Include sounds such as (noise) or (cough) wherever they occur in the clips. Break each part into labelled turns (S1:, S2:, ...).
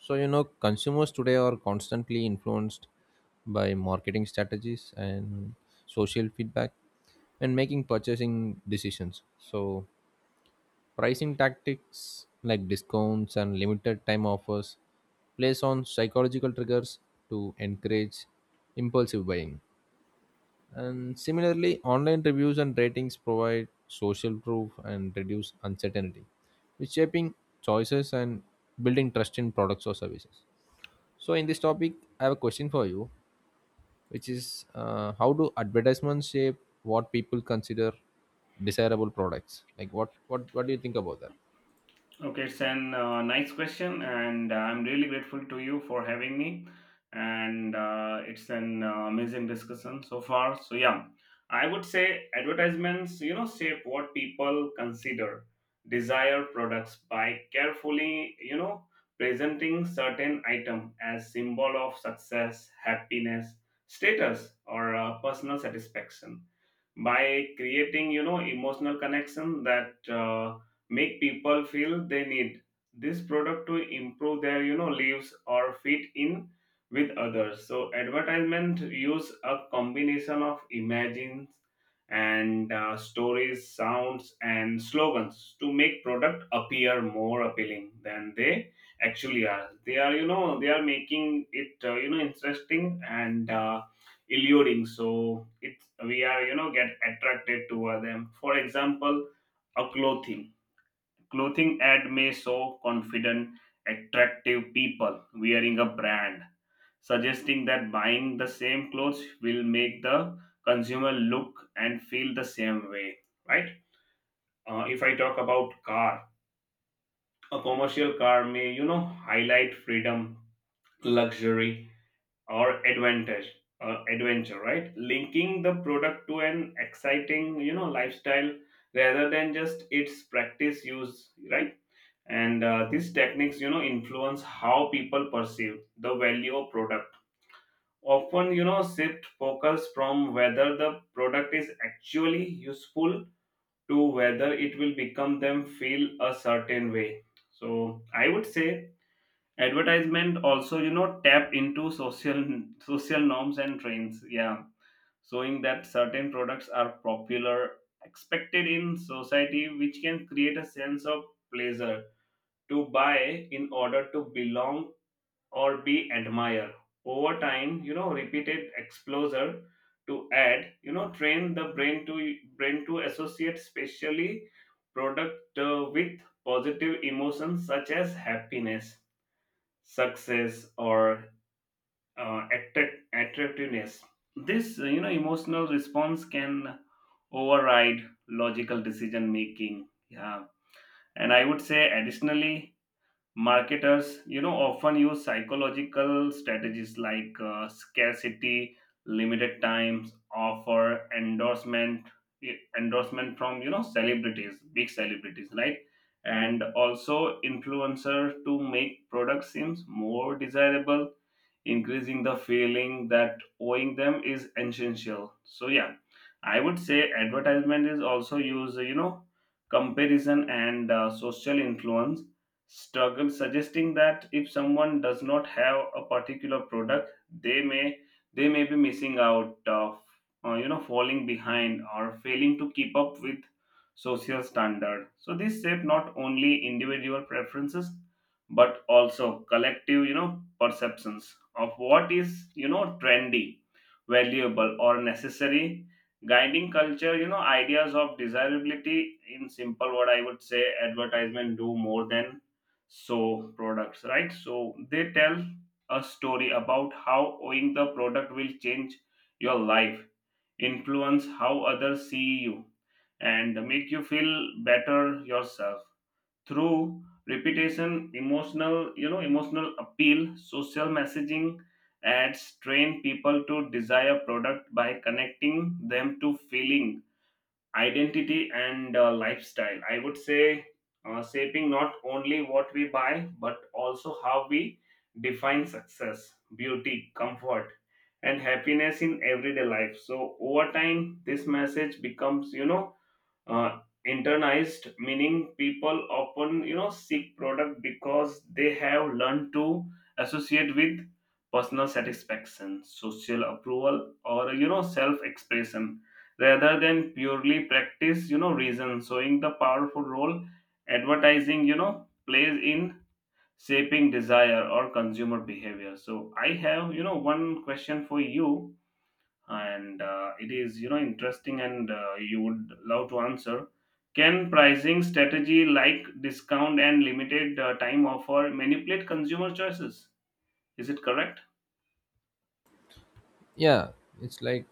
S1: So, you know, consumers today are constantly influenced by marketing strategies and social feedback and making purchasing decisions. So, pricing tactics like discounts and limited time offers plays on psychological triggers to encourage impulsive buying. And similarly, online reviews and ratings provide social proof and reduce uncertainty, which shaping choices and building trust in products or services. So, in this topic, I have a question for you, which is how do advertisements shape what people consider desirable products? Like, what do you think about that?
S2: Okay, it's an nice question, and I'm really grateful to you for having me. And it's an amazing discussion so far. So yeah, I would say advertisements, shape what people consider desire products by carefully, presenting certain item as symbol of success, happiness, status, or personal satisfaction by creating emotional connection that make people feel they need this product to improve their lives or fit in with others. So advertisement use a combination of imagines and stories, sounds and slogans to make product appear more appealing than they actually are. They are, they are making it interesting and alluring, so it we are, get attracted toward them. For example, a clothing ad may show confident, attractive people wearing a brand, suggesting that buying the same clothes will make the consumer look and feel the same way, right. If I talk about car, a commercial car may, highlight freedom, luxury, or advantage, adventure, right, linking the product to an exciting, lifestyle rather than just its practice use, right. And these techniques, influence how people perceive the value of product, often, shift focus from whether the product is actually useful to whether it will become them feel a certain way. So I would say advertisement also, tap into social norms and trends, yeah, showing that certain products are popular, expected in society, which can create a sense of pleasure to buy in order to belong or be admired. Over time, repeated exposure to add, train the brain to associate specially product with positive emotions such as happiness, success, or attractiveness. This emotional response can override logical decision making, yeah. And I would say additionally, marketers, often use psychological strategies like scarcity, limited times offer, endorsement, e, endorsement from, celebrities, big celebrities, right, and also influencer to make products seems more desirable, increasing the feeling that owing them is essential. So yeah, I would say advertisement is also used, comparison and social influence struggle, suggesting that if someone does not have a particular product, they may, they may be missing out of, falling behind or failing to keep up with social standard. So this shape not only individual preferences but also collective, perceptions of what is, trendy, valuable or necessary, guiding culture, ideas of desirability. In simple, what I would say, advertisement do more than so products, right, so they tell a story about how owning the product will change your life, influence how others see you, and make you feel better yourself through repetition, emotional emotional appeal, social messaging. Ads train people to desire product by connecting them to feeling, identity and lifestyle, I would say, shaping not only what we buy but also how we define success, beauty, comfort and happiness in everyday life. So over time this message becomes, uh, internized, meaning people often, seek product because they have learned to associate with personal satisfaction, social approval, or, self expression, rather than purely practice, reason, showing the powerful role advertising, plays in shaping desire or consumer behavior. So I have, one question for you, and it is, interesting, and you would love to answer. Can pricing strategy like discount and limited time offer manipulate consumer choices, is it correct?
S1: Yeah, it's like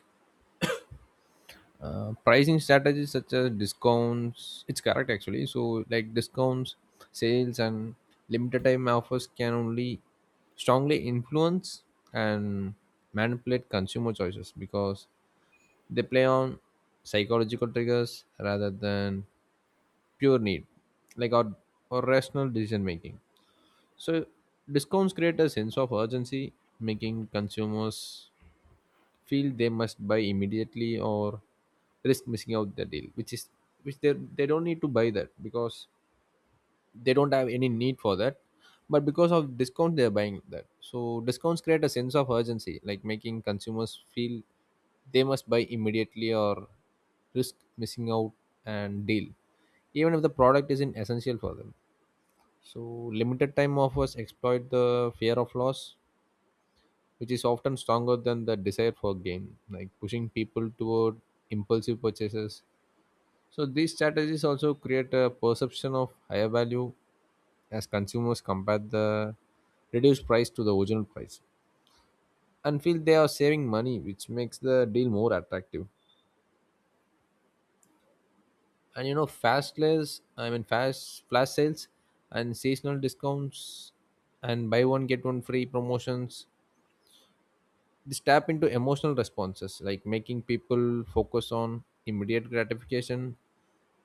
S1: pricing strategies such as discounts. It's correct actually. So, like discounts, sales, and limited time offers can only strongly influence and manipulate consumer choices because they play on psychological triggers rather than pure need like or rational decision making. So discounts create a sense of urgency, making consumers feel they must buy immediately or risk missing out the deal, which is which they don't need to buy that because they don't have any need for that, but because of discount they're buying that. So discounts create a sense of urgency, like making consumers feel they must buy immediately or risk missing out and deal, even if the product isn't essential for them. So limited time offers exploit the fear of loss, which is often stronger than the desire for gain, like pushing people toward impulsive purchases. So these strategies also create a perception of higher value as consumers compare the reduced price to the original price and feel they are saving money, which makes the deal more attractive. And you know, fast flash sales and seasonal discounts and buy one get one free promotions, this tap into emotional responses, like making people focus on immediate gratification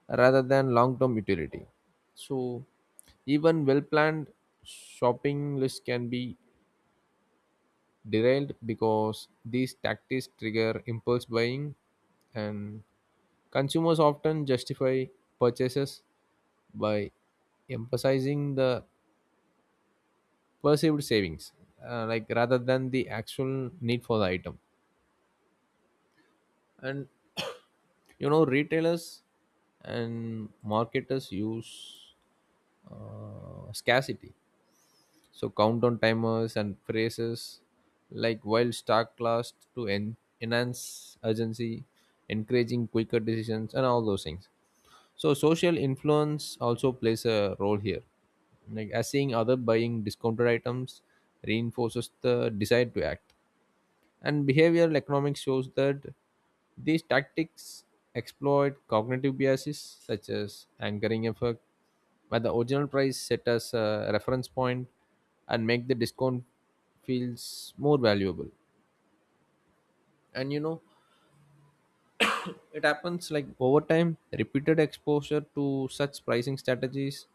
S1: rather than long term utility. So even well planned shopping lists can be derailed because these tactics trigger impulse buying, and consumers often justify purchases by emphasizing the perceived savings, like rather than the actual need for the item. And (coughs) you know, retailers and marketers use scarcity. So countdown timers and phrases like while stock lasts to enhance urgency, encouraging quicker decisions and all those things. So social influence also plays a role here, like as seeing other buying discounted items reinforces the desire to act. And behavioral economics shows that these tactics exploit cognitive biases such as anchoring effect, where the original price set as a reference point and make the discount feels more valuable. And you know, it happens like over time, repeated exposure to such pricing strategies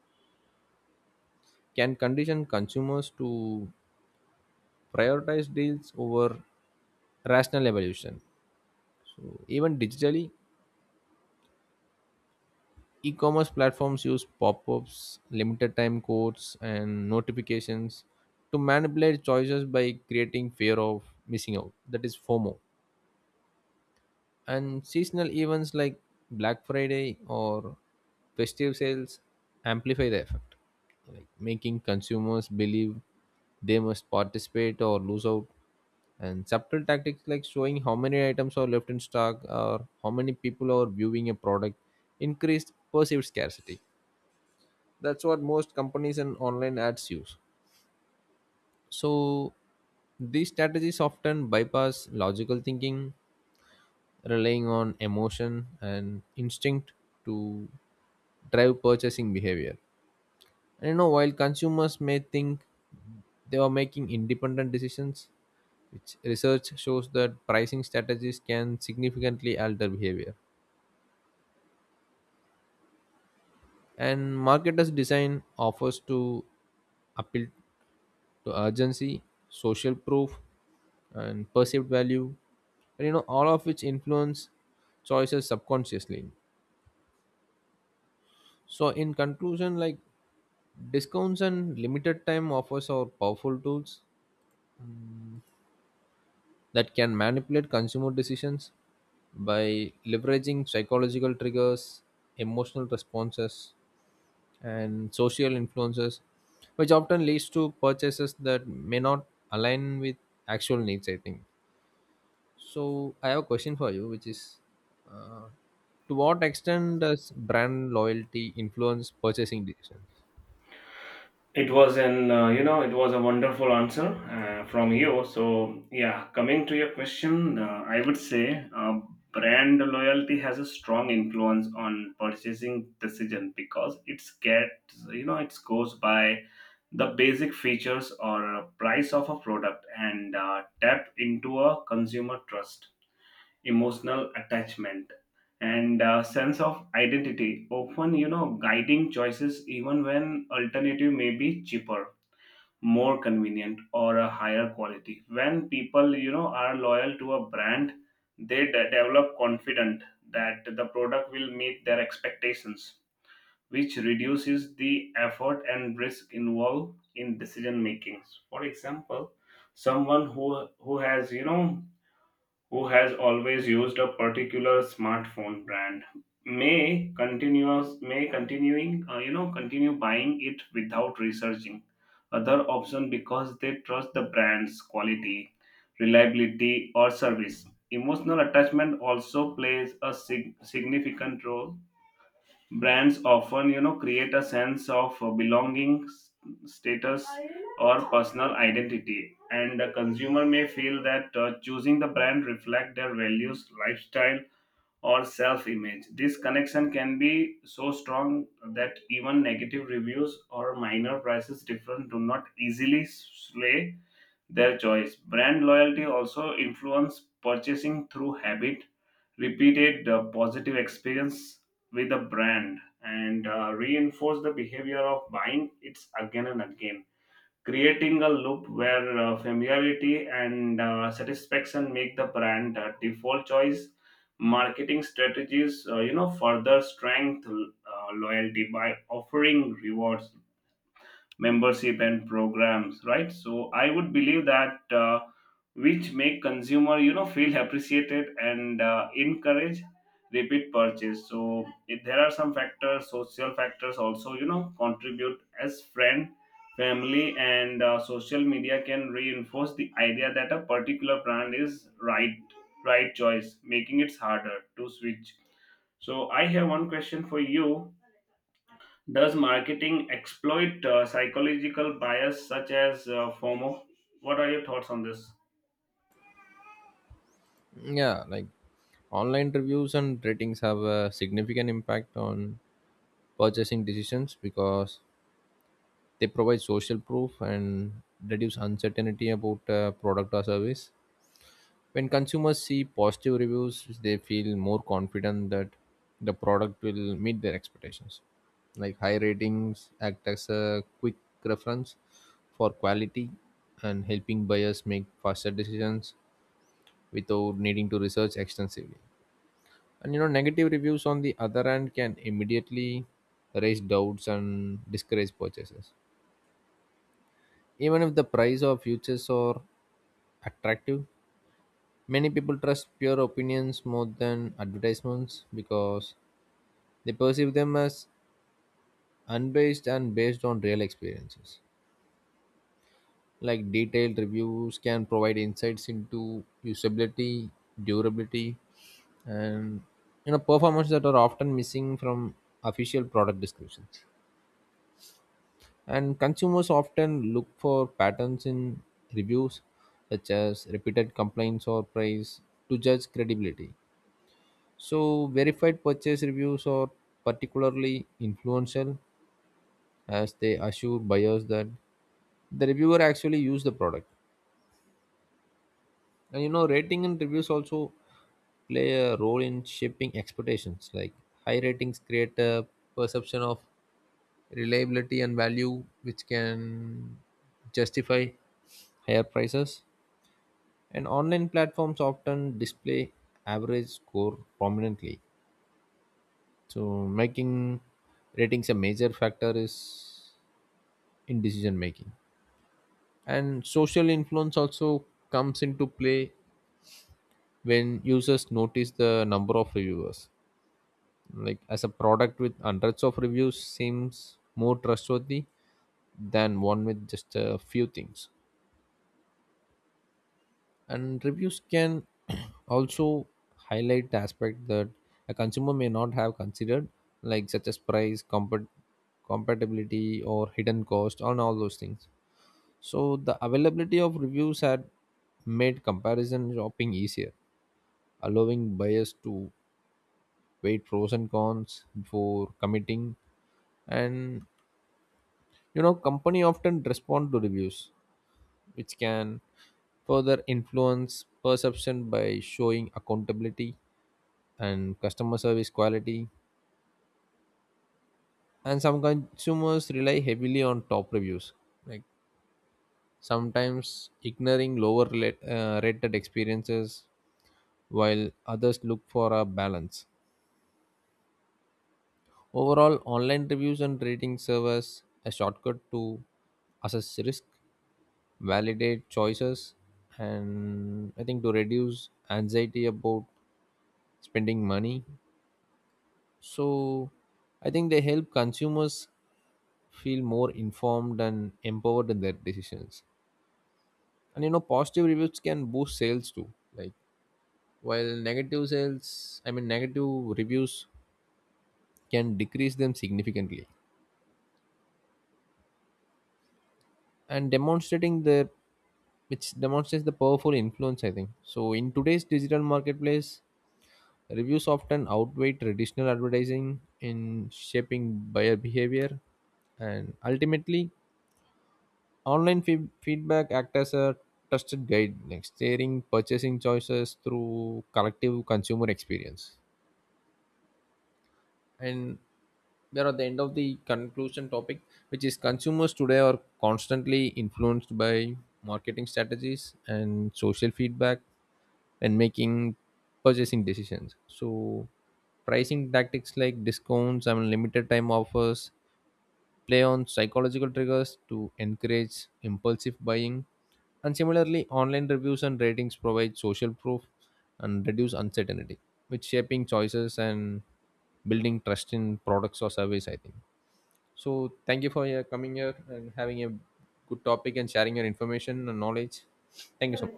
S1: can condition consumers to prioritize deals over rational evolution. So even digitally, e-commerce platforms use pop-ups, limited time codes and notifications to manipulate choices by creating fear of missing out, that is fomo, and seasonal events like black friday or festive sales amplify the effect, like making consumers believe they must participate or lose out. And subtle tactics like showing how many items are left in stock or how many people are viewing a product increase perceived scarcity, that's what most companies and online ads use. So these strategies often bypass logical thinking, relying on emotion and instinct to drive purchasing behavior. And you know, while consumers may think they are making independent decisions, which research shows that pricing strategies can significantly alter behavior. And marketers design offers to appeal to urgency, social proof, and perceived value, and you know all of which influence choices subconsciously. So in conclusion, like discounts and limited time offers are powerful tools that can manipulate consumer decisions by leveraging psychological triggers, emotional responses and social influences, which often leads to purchases that may not align with actual needs, I think. So I have a question for you, which is, uh, to what extent does brand loyalty influence purchasing decisions?
S2: It was an it was a wonderful answer from you. So yeah, coming to your question, I would say brand loyalty has a strong influence on purchasing decision because it's gets, it goes by the basic features or price of a product and tap into a consumer trust, emotional attachment, and sense of identity. Often, guiding choices even when alternative may be cheaper, more convenient, or a higher quality. When people, are loyal to a brand, they develop confident that the product will meet their expectations, which reduces the effort and risk involved in decision making. For example, someone who has, who has always used a particular smartphone brand, may continuous, may continuing, continue buying it without researching other option because they trust the brand's quality, reliability or service. Emotional attachment also plays a significant role. Brands often, create a sense of belonging, status, or personal identity, and the consumer may feel that choosing the brand reflect their values, lifestyle, or self-image. This connection can be so strong that even negative reviews or minor prices difference do not easily sway their choice. Brand loyalty also influences purchasing through habit, repeated positive experience with a brand, and reinforce the behavior of buying it again and again, creating a loop where familiarity and satisfaction make the brand a default choice. Marketing strategies, further strength loyalty by offering rewards, membership and programs, right. So I would believe that which make consumer, feel appreciated and encourage repeat purchase. So if there are some factors, social factors also, contribute, as friend, family and social media can reinforce the idea that a particular brand is right choice, making it harder to switch. So I have one question for you. Does marketing exploit psychological bias such as FOMO? What are your thoughts on this?
S1: Yeah, like online reviews and ratings have a significant impact on purchasing decisions because they provide social proof and reduce uncertainty about a product or service. When consumers see positive reviews, they feel more confident that the product will meet their expectations. Like high ratings act as a quick reference for quality and helping buyers make faster decisions without needing to research extensively. And you know, negative reviews on the other hand can immediately raise doubts and discourage purchases, even if the price of futures are attractive. Many people trust peer opinions more than advertisements because they perceive them as unbiased and based on real experiences. Like detailed reviews can provide insights into usability, durability, and you know performance that are often missing from official product descriptions. And consumers often look for patterns in reviews, such as repeated complaints or praise, to judge credibility. So, verified purchase reviews are particularly influential as they assure buyers that the reviewer actually used the product. And you know, rating and reviews also play a role in shaping expectations. Like, high ratings create a perception of reliability and value, which can justify higher prices. And online platforms often display average score prominently, so making ratings a major factor is in decision making. And social influence also comes into play when users notice the number of reviewers. Like as a product with hundreds of reviews seems more trustworthy than one with just a few things. And reviews can (clears throat) also highlight the aspect that a consumer may not have considered, like such as price compatibility or hidden cost and all those things. So the availability of reviews had made comparison shopping easier, allowing buyers to weigh pros and cons before committing. And you know, company often respond to reviews, which can further influence perception by showing accountability and customer service quality. And some consumers rely heavily on top reviews, like sometimes ignoring lower rated experiences while others look for a balance. Overall, online reviews and rating serve as a shortcut to assess risk, validate choices, and I think to reduce anxiety about spending money. So I think they help consumers feel more informed and empowered in their decisions. And you know, positive reviews can boost sales too. Like while negative sales, I mean negative reviews can decrease them significantly. And demonstrating their which demonstrates the powerful influence, I think. So in today's digital marketplace, reviews often outweigh traditional advertising in shaping buyer behavior. And ultimately, feedback act as a trusted guide, like steering purchasing choices through collective consumer experience. And we are at the end of the conclusion topic, which is consumers today are constantly influenced by marketing strategies and social feedback and making purchasing decisions. So, pricing tactics like discounts and limited time offers play on psychological triggers to encourage impulsive buying. And similarly, online reviews and ratings provide social proof and reduce uncertainty, which shaping choices and building trust in products or service, I think. So thank you for your coming here and having a good topic and sharing your information and knowledge. Thank you so much.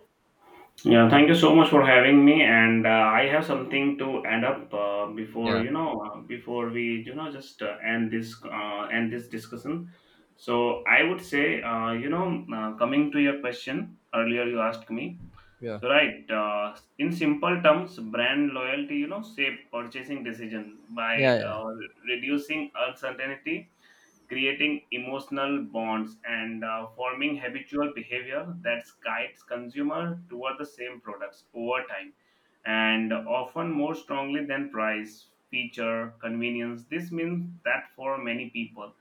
S2: Yeah, thank you so much for having me. And I have something to add up before,
S1: Yeah.
S2: before we, just end this discussion. So I would say coming to your question earlier you asked me.
S1: Yeah.
S2: So right, in simple terms, brand loyalty, shape purchasing decision by
S1: Yeah. Yeah.
S2: reducing uncertainty, creating emotional bonds and forming habitual behavior that guides consumer toward the same products over time, and often more strongly than price, feature, convenience. This means that for many people,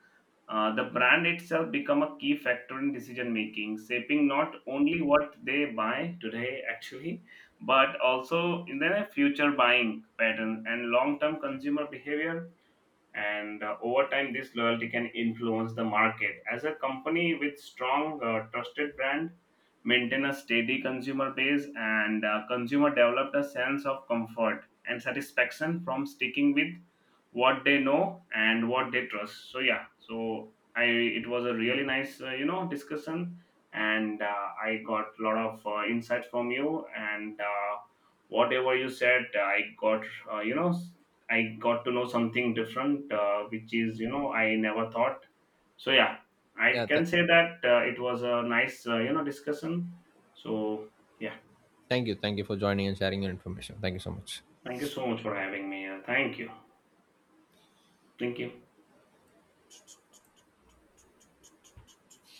S2: the brand itself become a key factor in decision making, shaping not only what they buy today actually, but also in their future buying patterns and long term consumer behavior. And over time this loyalty can influence the market, as a company with strong, trusted brand maintain a steady consumer base, and consumer developed a sense of comfort and satisfaction from sticking with what they know and what they trust. So yeah, so I it was a really nice, discussion, and I got a lot of insights from you, and whatever you said I got, uh, you know I got to know something different, which is, I never thought. So yeah, I
S1: Yeah. Th-
S2: can say that it was a nice, discussion. So yeah,
S1: thank you. Thank you for joining and sharing your information. Thank you so much.
S2: thank you so much for having me. Thank you, thank you.